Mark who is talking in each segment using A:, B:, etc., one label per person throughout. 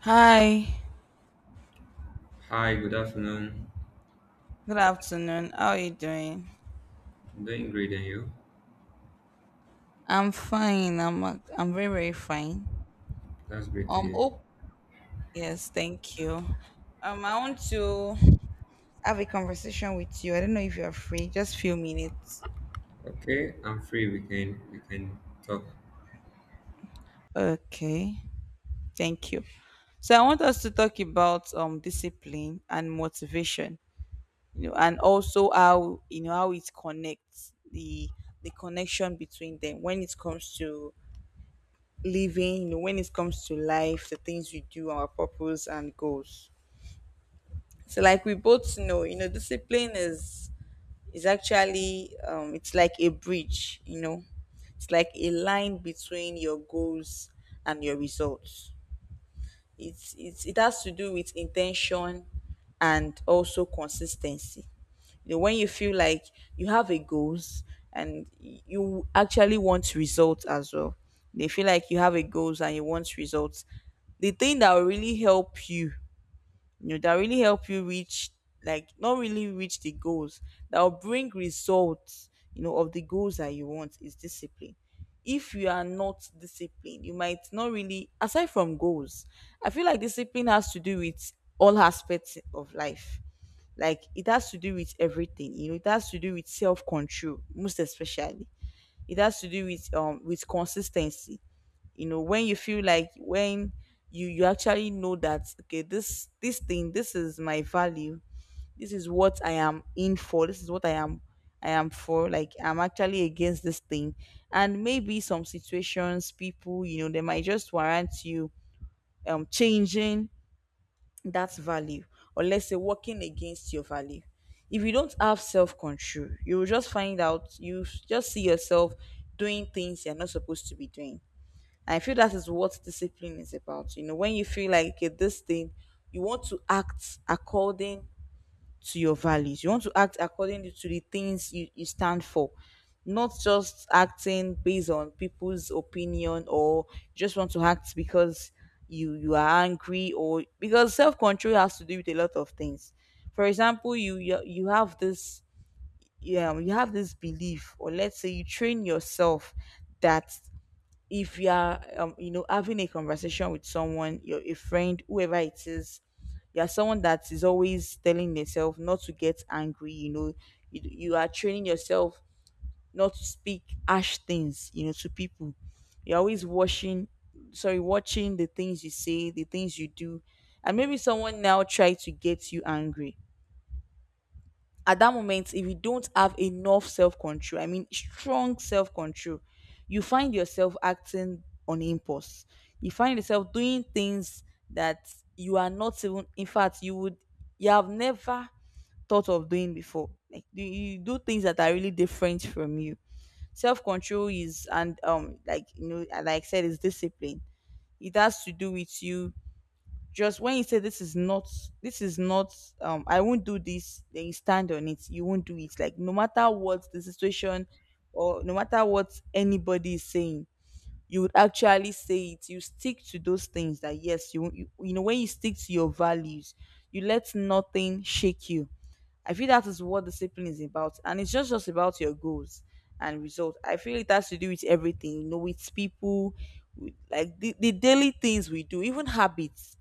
A: Hi,
B: Hi, good afternoon.
A: good afternoon. How are you doing?
B: I'm doing great, and you?
A: I'm fine. I'm very fine.
B: That's great to
A: Um
B: hear.
A: oh yes, thank you. I want to have a conversation with you. I don't know if you are free. Just few minutes.
B: Okay, I'm free. We can talk.
A: Okay. Thank you. So I want us to talk about discipline and motivation, you know, and also how you know how it connects the connection between them when it comes to living, you know, when it comes to life, the things we do, our purpose and goals. So like we both know, you know, discipline is actually it's like a bridge, you know. It's like a line between your goals and your results. It has to do with intention and also consistency. You know, when you feel like you have a goals and you actually want results as well. They feel like you have a goals and you want results. The thing that will really help you you know that really help you reach like not really reach the goals that will bring results, you know, of the goals that you want is discipline. If you are not disciplined, you might not really aside from goals. I feel like discipline has to do with all aspects of life. Like it has to do with everything. You know, it has to do with self-control most especially. It has to do with consistency. You know, when you feel like when you actually know that okay, this thing, this is my value. This is what I am in for. This is what I am I am for. Like I'm actually against this thing. And maybe some situations people, you know, they might just warrant you changing that value, or let's say working against your value. If you don't have self-control, you will just find out, you just see yourself doing things you're not supposed to be doing. I feel that is what discipline is about. You know, when you feel like okay, this thing, you want to act according to your values. You want to act according to the things you stand for. Not just acting based on people's opinion or you just want to act because you are angry. Or because self control has to do with a lot of things. For example, you have you have this belief, or let's say you train yourself that if you are you know, having a conversation with someone, you're a friend, whoever it is, you're someone that is always telling yourself not to get angry. You know, you are training yourself not to speak harsh things, you know, to people. You're always watching, sorry, watching the things you say, the things you do. And maybe someone now try to get you angry. At that moment, if you don't have enough self-control, I mean strong self-control, you find yourself acting on impulse. You find yourself doing things that you are not even in fact, you have never thought of doing before. Like you do things that are really different from you. Self-control is, and like, you know, like I said, is discipline. It has to do with you. Just when you say this is not, I won't do this, then you stand on it. You won't do it. Like no matter what the situation, or no matter what anybody is saying, you would actually say it. You stick to those things that yes, you know, when you stick to your values, you let nothing shake you. I feel that is what discipline is about, and it's just about your goals and results. I feel it has to do with everything, you know, with people, with, like the daily things we do, even habits.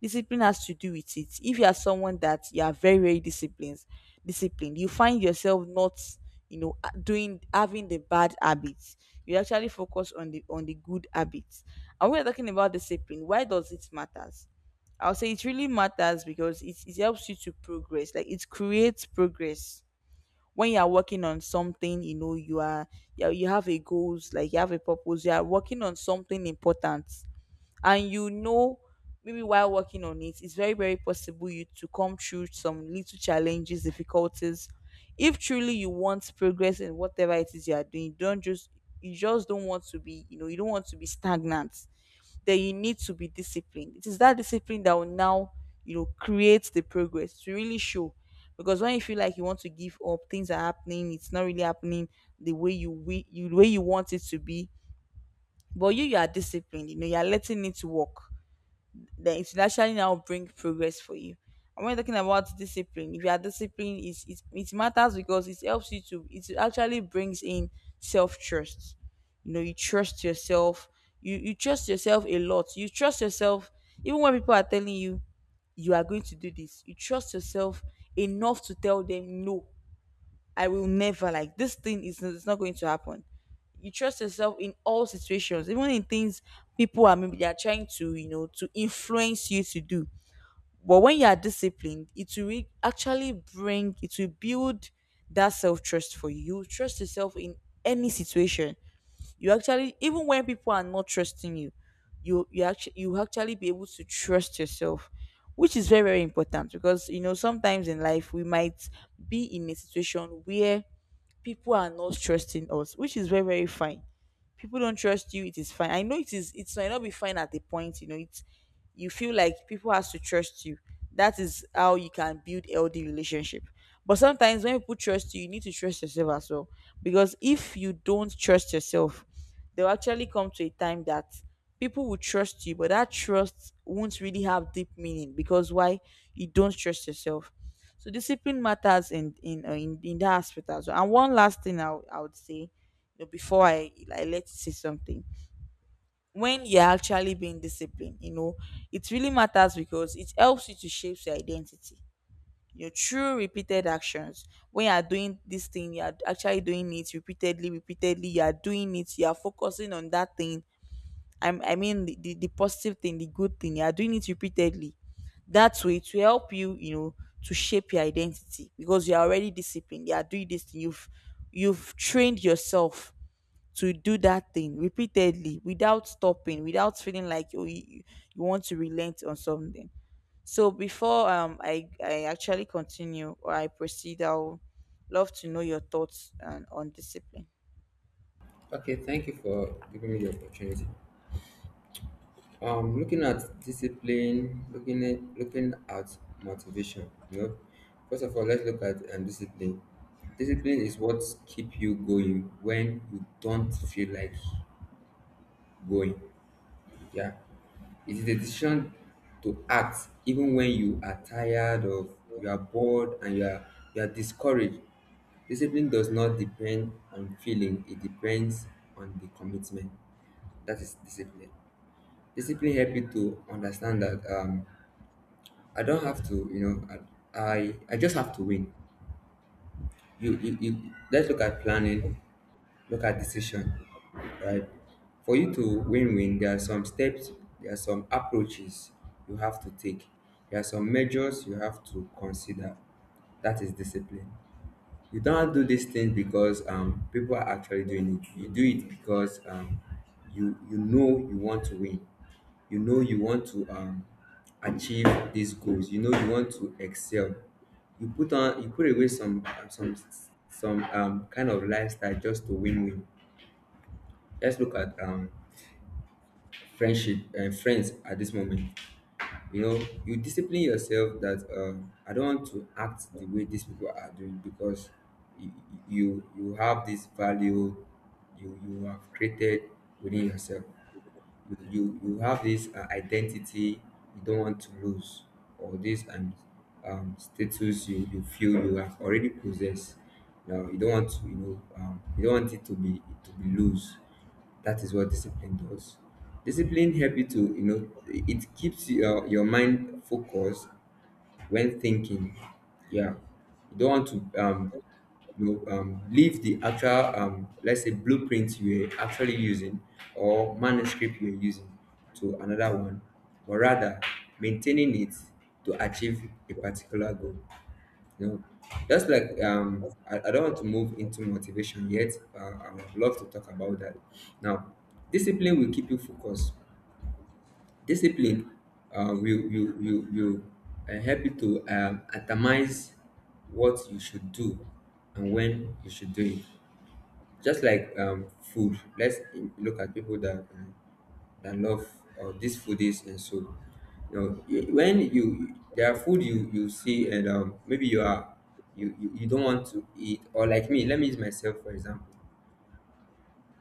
A: Discipline has to do with it. If you are someone that you are very, very disciplined, you find yourself not, you know, doing having the bad habits. You actually focus on the good habits. And we are talking about discipline. Why does it matters? I'll say it really matters because it helps you to progress. Like it creates progress. When you are working on something, you know, you, you have a goals, like you have a purpose, you are working on something important. And you know, maybe while working on it, it's very very possible you to come through some little challenges difficulties. If truly you want progress in whatever it is you are doing, don't just you just don't want to be, you know, you don't want to be stagnant. Then you need to be disciplined. It is that discipline that will now, you know, create the progress to really show. Because when you feel like you want to give up, things are happening, it's not really happening the way you the way you want it to be, but you are disciplined, you know, you are letting it work, then it will actually now bring progress for you. And when you're talking about discipline, if you are disciplined, it matters because it helps you to, it actually brings in self trust. You know, you trust yourself, you trust yourself a lot. You trust yourself, even when people are telling you, you are going to do this, you trust yourself enough to tell them no, I will never, like this thing is, it's not going to happen. You trust yourself in all situations, even in things people are, maybe they are trying to, you know, to influence you to do. But when you are disciplined, it will actually bring, it will build that self trust for you. You will trust yourself in any situation. You actually, even when people are not trusting you, actually you actually be able to trust yourself, which is very very important. Because you know sometimes in life we might be in a situation where people are not trusting us, which is very very fine. People don't trust you, it is fine. I know it is, it might not be fine at the point, you know, it's, you feel like people has to trust you, that is how you can build healthy relationship. But sometimes when people trust you, you need to trust yourself as well. Because if you don't trust yourself, they will actually come to a time that people will trust you, but that trust won't really have deep meaning. Because why? You don't trust yourself. So discipline matters in in that aspect as well. And one last thing I would say, you know, before I let you say something, when you're actually being disciplined, you know, it really matters because it helps you to shape your identity. Your true repeated actions. When you are doing this thing, you are actually doing it repeatedly, repeatedly. You are doing it. You are focusing on that thing. I mean, the positive thing, the good thing. You are doing it repeatedly. That way, to help you, you know, to shape your identity because you are already disciplined. You are doing this thing. You've trained yourself to do that thing repeatedly without stopping, without feeling like you, you want to relent on something. So before I actually continue or I proceed, I'll love to know your thoughts and on discipline.
B: Okay, thank you for giving me the opportunity. Looking at discipline, looking at motivation. You know, first of all, let's look at discipline. Discipline is what keep you going when you don't feel like going. Yeah. It is a decision to act even when you are tired of, you are bored and you are discouraged. Discipline does not depend on feeling, it depends on the commitment. That is discipline. Discipline help you to understand that I don't have to, you know, I just have to win. You let's look at planning, look at decision, right? For you to win-win, there are some steps, there are some approaches you have to take, there are some measures you have to consider. That is discipline. You don't do these things because people are actually doing it. You do it because you you know you want to win. You know you want to achieve these goals. You know you want to excel. You put away some kind of lifestyle just to win win let's look at friendship and friends at this moment. You know, you discipline yourself that I don't want to act the way these people are doing. Because you you have this value you you have created within yourself, you have this identity you don't want to lose, or this status you you feel you have already possessed. Now you don't want to, you know, you don't want it to be, to be loose. That is what discipline does. Discipline help you to, you know, it keeps your mind focused when thinking. Yeah, you don't want to you know, leave the actual, let's say, blueprint you were actually using or manuscript you were using, to another one, but rather maintaining it to achieve a particular goal. You know, just like um, I don't want to move into motivation yet. I would love to talk about that. Now, discipline will keep you focused. Discipline will help you to atomize what you should do and when you should do it. Just like food, look at people that that love this food is and so. You know, when you there are food you you see, and maybe you are, you don't want to eat. Or like me. Let me use myself for example.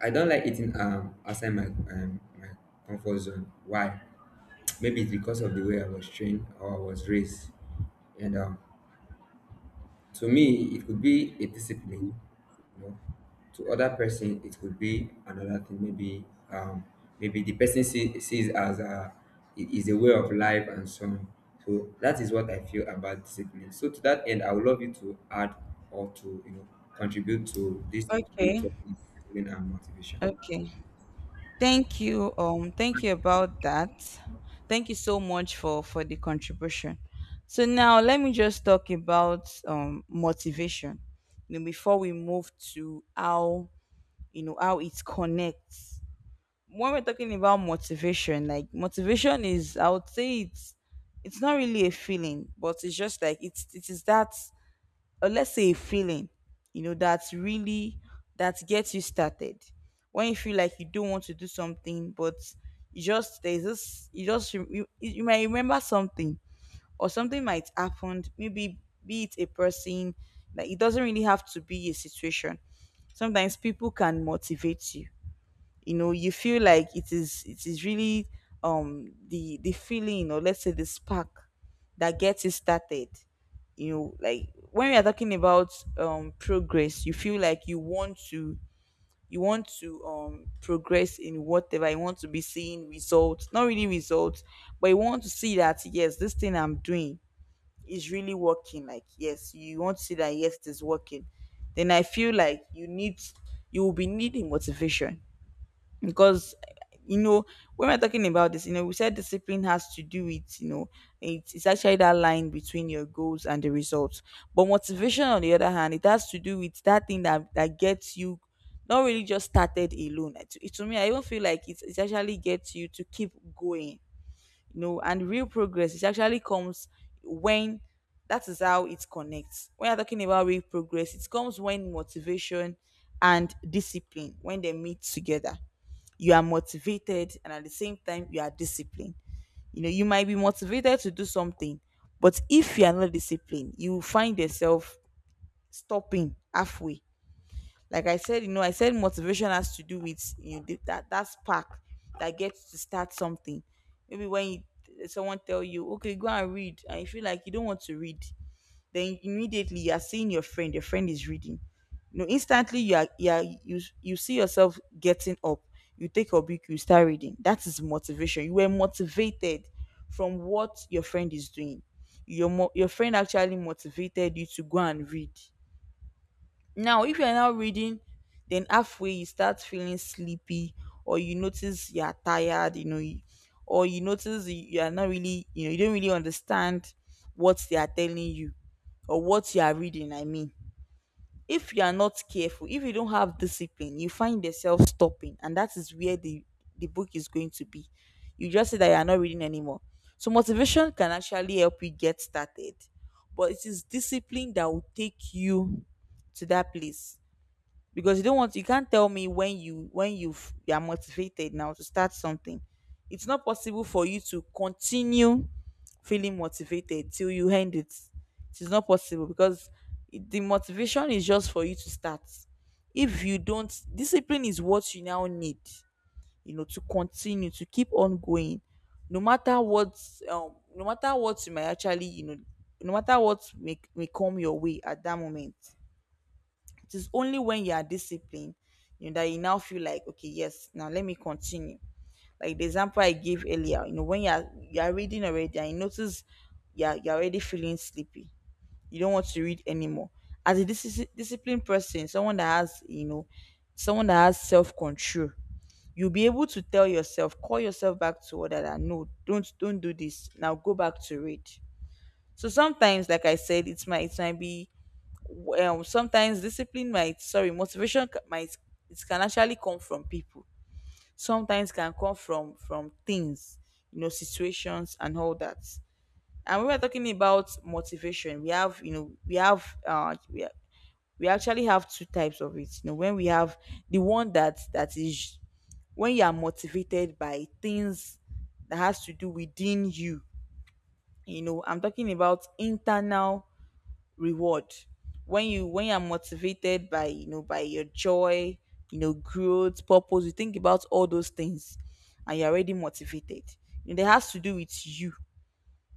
B: I don't like eating outside my my comfort zone. Why? Maybe it's because of the way I was trained or I was raised. And to me, it could be a discipline. You know, to other person, it could be another thing. Maybe maybe the person sees as a, it is a way of life and so on. So that is what I feel about discipline. So to that end, I would love you to add or to, you know, contribute to this great
A: Okay.
B: topic, discipline and motivation.
A: Okay. Thank you. Thank you about that. Thank you so much for the contribution. So now let me just talk about motivation. You know, before we move to how, how it connects. When we're talking about motivation, like motivation is, I would say it's not really a feeling, but it's just like it is that, or let's say a feeling, you know, that gets you started. When you feel like you don't want to do something, but you just there's this, you, you you might remember something or something might happen. Maybe be it a person, like it doesn't really have to be a situation. Sometimes people can motivate you. You know you feel like it is really the feeling, or let's say the spark that gets it started. Like when we are talking about progress, you feel like you want to progress in whatever, you want to be seeing results, not really results, but you want to see that, yes, this thing I'm doing is really working. Like, yes, you want to see that, yes, it is working. Then I feel like you will be needing motivation, because you know when we're talking about this, we said discipline has to do with, it's actually that line between your goals and the results. But motivation, on the other hand, it has to do with that thing that gets you, not really just started alone. To me, I even feel like it actually gets you to keep going. No, and real progress, it actually comes when — that is how it connects. When you're talking about real progress, it comes when motivation and discipline, when they meet together. You are motivated, and at the same time you are disciplined. You might be motivated to do something, but if you are not disciplined, you will find yourself stopping halfway. Like I said, I said motivation has to do with, that spark that gets to start something. Maybe someone tell you, okay, go and read, and you feel like you don't want to read. Then immediately you are seeing your friend, your friend is reading. Instantly you see yourself getting up. You take your book, you start reading. That is motivation. You were motivated from what your friend is doing. Your friend actually motivated you to go and read. Now, if you're now reading, then halfway you start feeling sleepy, or you notice you're tired, or you notice you are not really, you don't really understand what they are telling you, or what you are reading. I mean, if you are not careful, if you don't have discipline, you find yourself stopping, and that is where the book is going to be. You just say that you are not reading anymore. So, motivation can actually help you get started, but it is discipline that will take you to that place. Because you don't want you can't tell me, when you are motivated now to start something, it's not possible for you to continue feeling motivated till you end it. It is not possible, because the motivation is just for you to start. If you don't discipline is what you now need, to continue, to keep on going, no matter what. No matter what you may actually, no matter what may come your way at that moment. It is only when you are disciplined, that you now feel like, okay, yes, now let me continue. Like the example I gave earlier, when you are reading already and you notice you're already feeling sleepy. You don't want to read anymore. As a disciplined person, someone that has, someone that has self control, you'll be able to tell yourself, call yourself back to order that no, don't do this. Now go back to read. So sometimes, like I said, it might be, sometimes discipline might, sorry, motivation, might, it can actually come from people, sometimes can come from things, situations and all that. And we were talking about motivation, we have, we have, we actually have two types of it. When we have the one that is, when you are motivated by things that has to do within you. You know i'm talking about internal reward. When you when you're motivated by, by your joy, growth, purpose, you think about all those things, and you're already motivated. It has to do with you,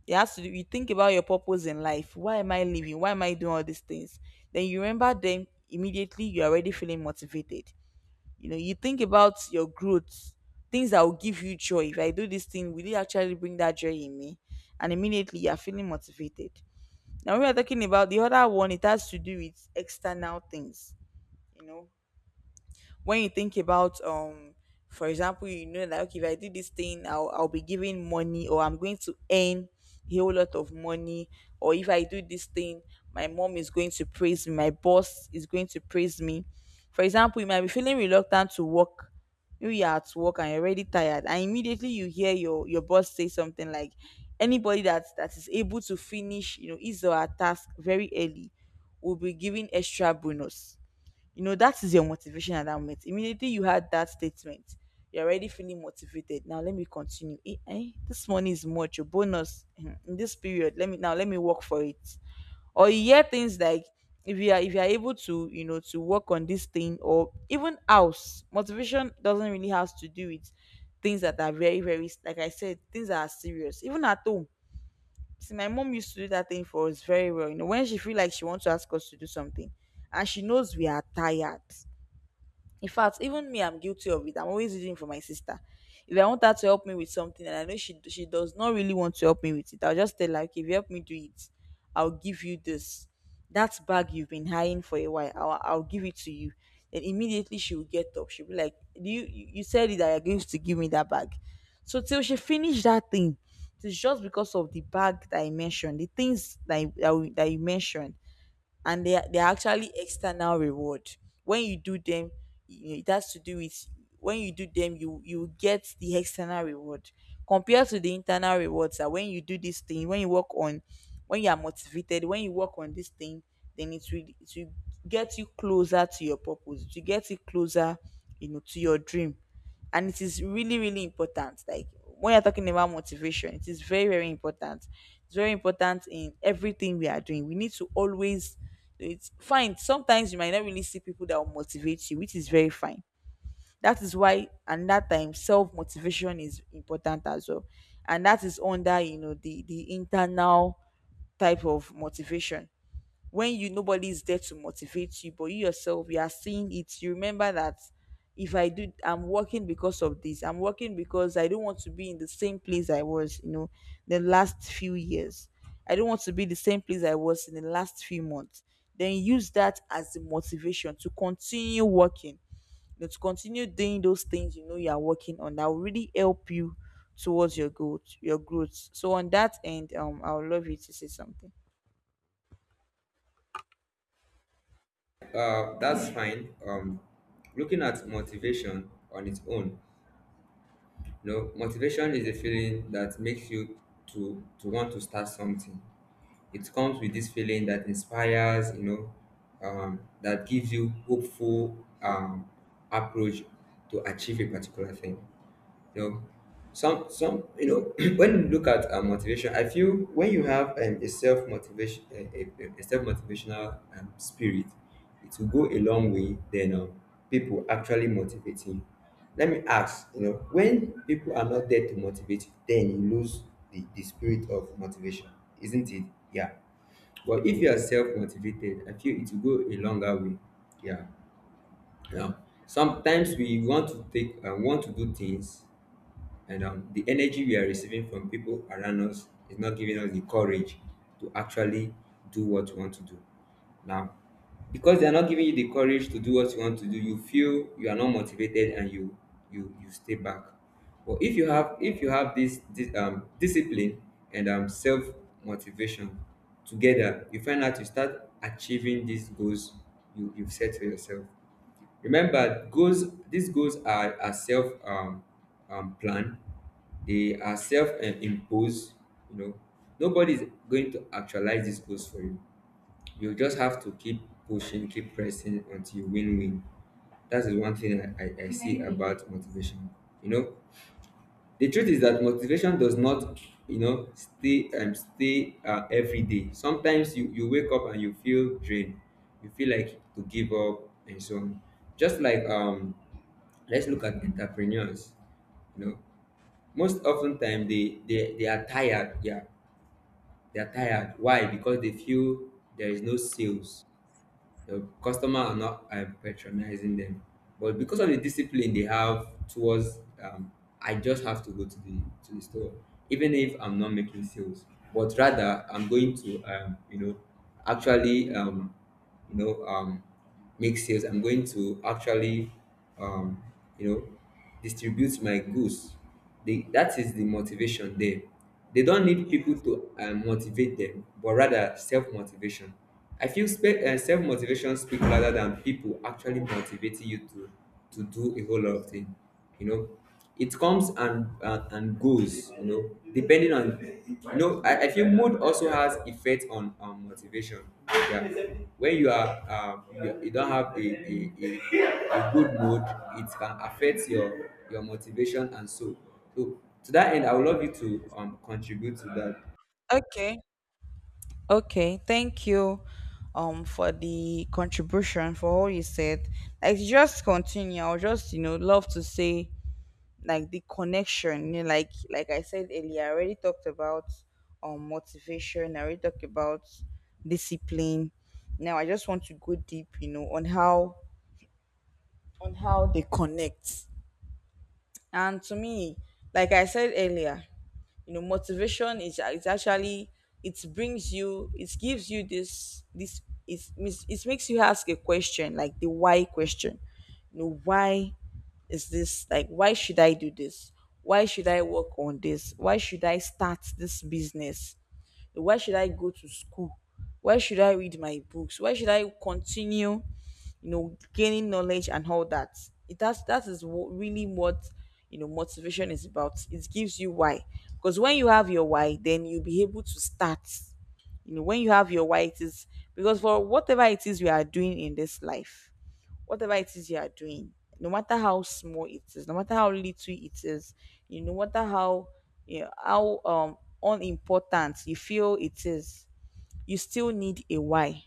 A: it has to do you think about your purpose in life. Why am I living? Why am I doing all these things? Then you remember them, immediately you're already feeling motivated. You think about your growth, things that will give you joy. If I do this thing, will it actually bring that joy in me? And immediately you're feeling motivated. Now we are talking about the other one. It has to do with external things. You know, when you think about, for example, that okay, if I do this thing, I'll be giving money, or I'm going to earn a whole lot of money. Or if I do this thing, my mom is going to praise me, my boss is going to praise me. For example, you might be feeling reluctant to work. Maybe you're at work and you're already tired, and immediately you hear your boss say something like, anybody that is able to finish, his or her task very early, will be given extra bonus. That is your motivation at that moment. Immediately you had that statement, you're already feeling motivated. Now let me continue. Eh, eh, this money is much, your bonus, eh, in this period. Let me work for it. Or you hear things like, if you are able to, to work on this thing, or even house. Motivation doesn't really have to do with things that are very, very, like I said, things that are serious. Even at home. See, my mom used to do that thing for us very well. When she feel like she wants to ask us to do something and she knows we are tired, in fact, even me, I'm guilty of it. I'm always using it for my sister. If I want her to help me with something and I know she does not really want to help me with it, I'll just tell her, okay, if you help me do it, I'll give you this. That bag you've been hiding for a while, I'll give it to you. Then immediately she will get up. She'll be like, you said it that you're going to give me that bag. So till she finished that thing, it's just because of the bag that I mentioned, the things that, that you mentioned, and they are actually external reward. When you do them, it has to do with, when you do them, you get the external reward compared to the internal rewards. That when you do this thing, when you work on, when you are motivated, when you work on this thing, then it will get you closer to your purpose. To get you closer, to your dream. And it is really, really important. Like, when you're talking about motivation, it is very, very important. It's very important in everything we are doing, we need to always, it's fine, sometimes you might not really see people that will motivate you, which is very fine. That is why, and that time, self motivation is important as well. And that is under, the internal type of motivation. When you, nobody's there to motivate you, but you yourself, you are seeing it, you remember that, if I do I'm working because of this. I'm working because I don't want to be in the same place I was, the last few years. I don't want to be the same place I was in the last few months. Then use that as the motivation to continue working, to continue doing those things you are working on that will really help you towards your growth. So on that end, I would love you to say something.
B: That's fine. Looking at motivation on its own, no, motivation is a feeling that makes you to want to start something. It comes with this feeling that inspires, you know, that gives you hopeful approach to achieve a particular thing. You know, some you know when you look at motivation, I feel when you have a self motivation, a self motivational spirit, it will go a long way than people actually motivating you. Let me ask, you know, when people are not there to motivate you, then you lose the spirit of motivation, isn't it? Yeah. But if you are self motivated, I feel it will go a longer way. Yeah. Yeah. Sometimes we want to take and want to do things, and the energy we are receiving from people around us is not giving us the courage to actually do what you want to do. Now, because they are not giving you the courage to do what you want to do, you feel you are not motivated, and you stay back. But if you have, if you have this discipline and self motivation together, you find out you start achieving these goals you you've set for yourself. Remember, goals, these goals are self planned, they are self imposed. You know, nobody is going to actualize these goals for you. You just have to keep pushing, keep pressing until you win win. That is one thing I see about motivation. You know, the truth is that motivation does not, you know, stay stay every day. Sometimes you, you wake up and you feel drained, you feel like to give up and so on. Just like let's look at entrepreneurs. You know, most often time they are tired. Yeah, they are tired. Why? Because they feel there is no sales, the customer are not patronizing them. But because of the discipline they have towards, I just have to go to the store even if I'm not making sales. But rather I'm going to you know actually you know um, make sales. I'm going to actually um you know distribute my goods. That is the motivation there. They don't need people to motivate them, but rather self-motivation. I feel self-motivation speak louder than people actually motivating you to do a whole lot of things. You know, it comes and goes, you know, depending on, you know, I feel mood also has effect on motivation. Yeah. When you are you don't have a good mood, it can affect your motivation and so. So to that end, I would love you to contribute to that.
A: Okay. Okay, thank you for the contribution, for all you said. Like, just continue. I'll just, love to say, like, the connection. Like, I said earlier, I already talked about motivation, I already talked about discipline. Now I just want to go deep, on how, on how they connect. And to me, like I said earlier, motivation is, it's actually, it brings you, it gives you this, it makes you ask a question, like the why question. Why is this, like, why should I do this? Why should I work on this? Why should I start this business? Why should I go to school? Why should I read my books? Why should I continue, gaining knowledge and all that? It has That is what, really what, motivation is about. It gives you why. Because when you have your why, then you'll be able to start. When you have your why, it is, because for whatever it is we are doing in this life, whatever it is you are doing, no matter how small it is, no matter how little it is, no matter how, how unimportant you feel it is, you still need a why.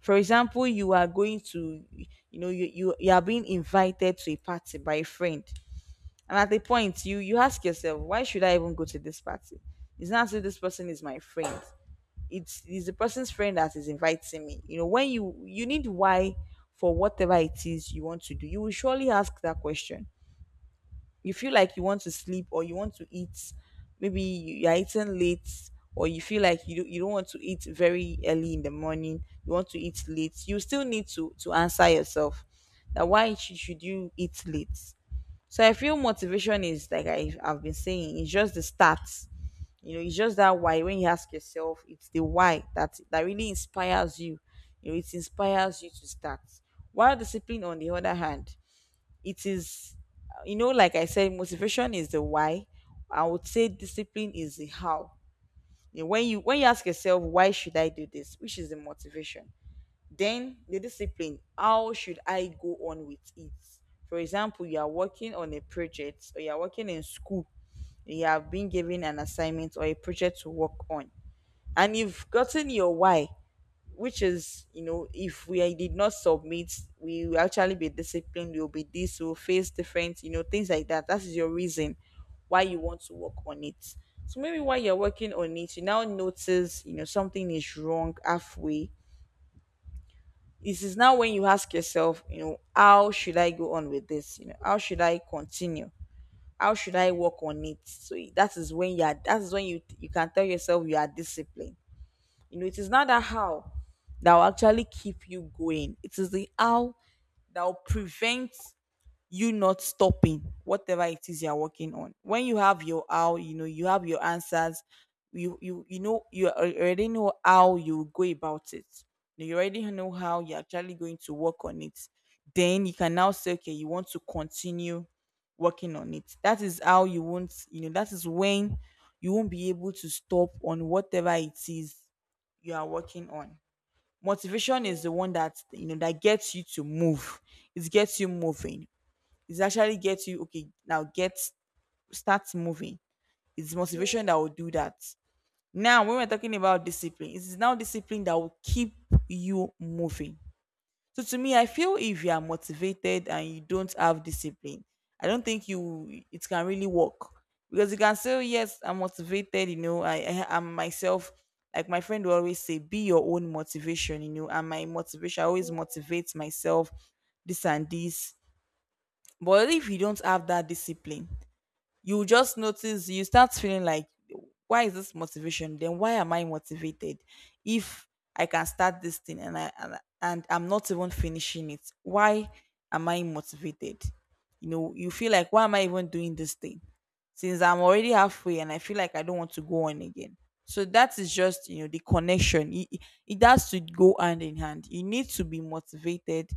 A: For example, you are being invited to a party by a friend. And at the point, you ask yourself, why should I even go to this party? It's not as if this person is my friend. It's the person's friend that is inviting me. You know, when you need why for whatever it is you want to do, you will surely ask that question. You feel like you want to sleep or you want to eat. Maybe you are eating late, or you feel like you don't want to eat very early in the morning. You want to eat late. You still need to answer yourself that why should you eat late. So I feel motivation is like, I've been saying, it's just the start. You know, it's just that why. When you ask yourself, it's the why that really inspires you. You know, it inspires you to start. While discipline, on the other hand, it is, you know, like I said, motivation is the why. I would say discipline is the how. You know, when you ask yourself why should I do this, which is the motivation. Then the discipline, how should I go on with it? For example, you are working on a project or you are working in school. You have been given an assignment or a project to work on, and you've gotten your why, which is, you know, if we did not submit, we will actually be disciplined, we'll be this, we'll face different, you know, things like that. That is your reason why you want to work on it. So maybe while you're working on it, you now notice, you know, something is wrong halfway. This is now when you ask yourself, you know, how should I go on with this? You know, how should I continue? How should I work on it? So that is when you can tell yourself you are disciplined. You know, it is not that how that will actually keep you going. It is the how that will prevent you not stopping whatever it is you're working on. When you have your how, you know, you have your answers, you know, you already know how you go about it. You already know how you're actually going to work on it. Then you can now say, okay, you want to continue working on it. That is when you won't be able to stop on whatever it is you are working on. Motivation is the one that gets you to move. It gets you moving. It actually gets you, okay, now get start moving. It's motivation that will do that. Now when we're talking about discipline, it is now discipline that will keep you moving. So to me, I feel if you are motivated and you don't have discipline, I don't think you it can really work, because you can say, "Oh, yes, I'm motivated. You know, I am myself. Like my friend will always say, be your own motivation. You know, and my motivation, I always motivate myself, this and this." But if you don't have that discipline, you just notice you start feeling like, why is this motivation? Then why am I motivated if I can start this thing and I'm not even finishing it? Why am I motivated? You know, you feel like, why am I even doing this thing, since I'm already halfway and I feel like I don't want to go on again? So that is just, you know, the connection. It has to go hand in hand. You need to be motivated,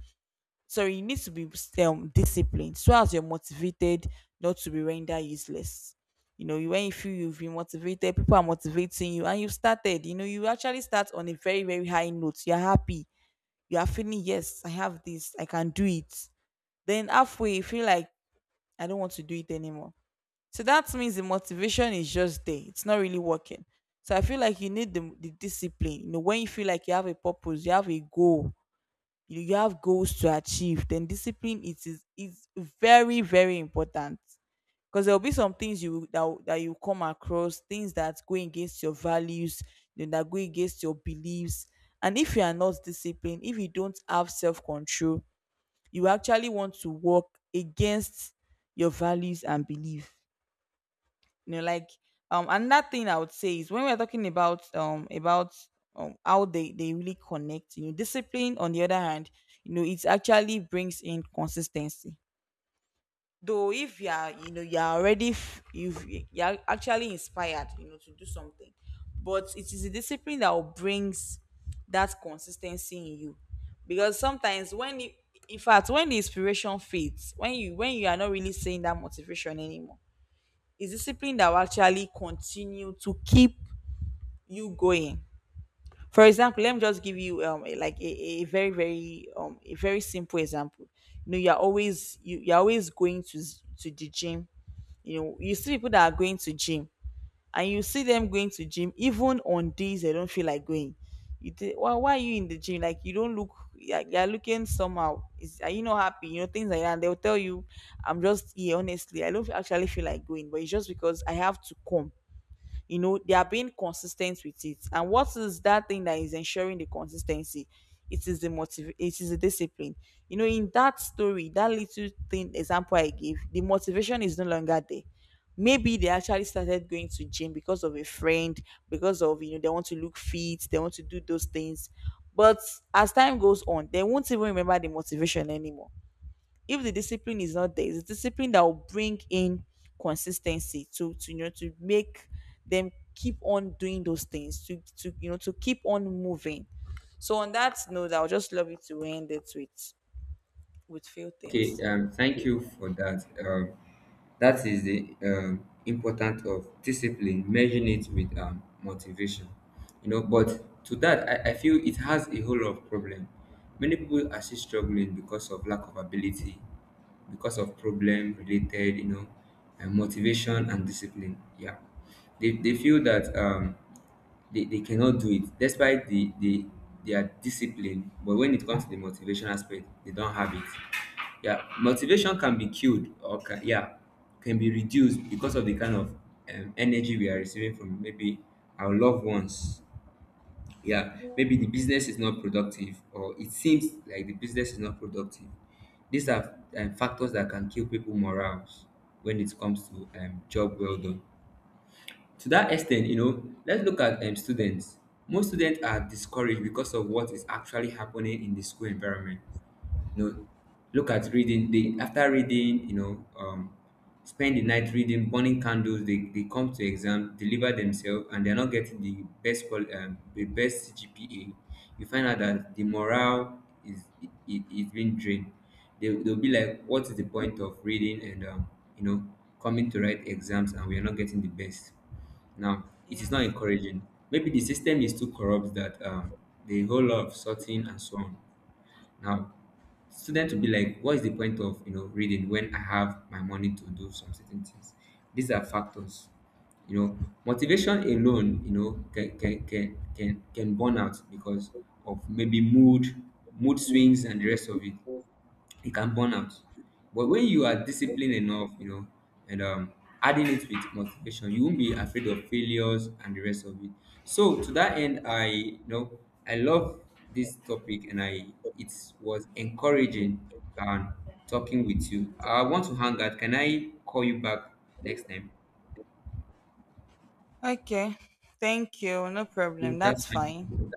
A: so you need to be disciplined so as you're motivated, not to be rendered useless. You know, you when you feel you've been motivated, people are motivating you, and you've started. You know, you actually start on a very, very high note. You're happy. You are feeling, yes, I have this, I can do it. Then halfway, you feel like I don't want to do it anymore. So that means the motivation is just there. It's not really working. So I feel like you need the discipline. You know, when you feel like you have a purpose, you have a goal, you have goals to achieve, then discipline, it is very, very important. Because there will be some things that you come across, things that go against your values, you know, that go against your beliefs. And if you are not disciplined, if you don't have self-control, you actually want to work against your values and belief. You know, like, another thing I would say is when we're talking about, how they really connect. You know, discipline, on the other hand, you know, it actually brings in consistency. Though, if you know, you're already you're actually inspired, you know, to do something, but it is a discipline that will brings that consistency in you. Because sometimes in fact, when the inspiration fades, when you are not really seeing that motivation anymore, is discipline that will actually continue to keep you going. For example, let me just give you, like, a very simple example. You know, you're always going to to the gym. You know, you see people that are going to gym, and you see them going to gym even on days they don't feel like going. You think, well, why are you in the gym? Like, you don't look — you're looking somehow. Is are you not happy? You know, things like that. And they'll tell you, "I'm just here, honestly, I don't actually feel like going, but it's just because I have to come." You know, they are being consistent with it, and what is that thing that is ensuring the consistency? It is the discipline. You know, in that story, that little thing example I gave, the motivation is no longer there. Maybe they actually started going to gym because of a friend, because of, you know, they want to look fit, they want to do those things. But as time goes on, they won't even remember the motivation anymore. If the discipline is not there, it's the discipline that will bring in consistency, to you know to make them keep on doing those things, to you know to keep on moving. So on that note, I would just love you to end it with few
B: Okay,
A: things.
B: thank you for that. That is the importance of discipline, measuring it with motivation. You know, but to that, I feel it has a whole lot of problem. Many people are still struggling because of lack of ability, because of problem related, you know, and motivation and discipline. Yeah, they feel that they cannot do it. Despite the, they are disciplined, but when it comes to the motivation aspect, they don't have it. Yeah, motivation can be killed or can, yeah, can be reduced because of the kind of energy we are receiving from maybe our loved ones. Yeah, maybe the business is not productive, or it seems like the business is not productive. These are factors that can kill people morals when it comes to job well done. To that extent, you know, let's look at students. Most students are discouraged because of what is actually happening in the school environment. You know, look at reading. They after reading, you know, spend the night reading, burning candles. They come to exam, deliver themselves, and they're not getting the the best GPA. You find out that the morale is, it's been drained. They they'll be like, what is the point of reading and you know coming to write exams and we are not getting the best. Now, it is not
A: Yes.
B: encouraging. Maybe the system is too corrupt that the whole lot of sorting and so on. Now, students will be like, what is the point of, you know, reading when I have my money to do some certain things? These are factors. You know, motivation alone, you know, can burn out because of maybe mood, mood swings and the rest of it, it can burn out. But when you are disciplined enough, you know, and adding it with motivation, you won't be afraid of failures and the rest of it. So to that end, I, you know, I love this topic, and I, it was encouraging and talking with you. I want to hang out. Can I call you back next time?
A: Okay. Thank you. No
B: Okay.
A: problem.
B: That's
A: That's fine.
B: fine.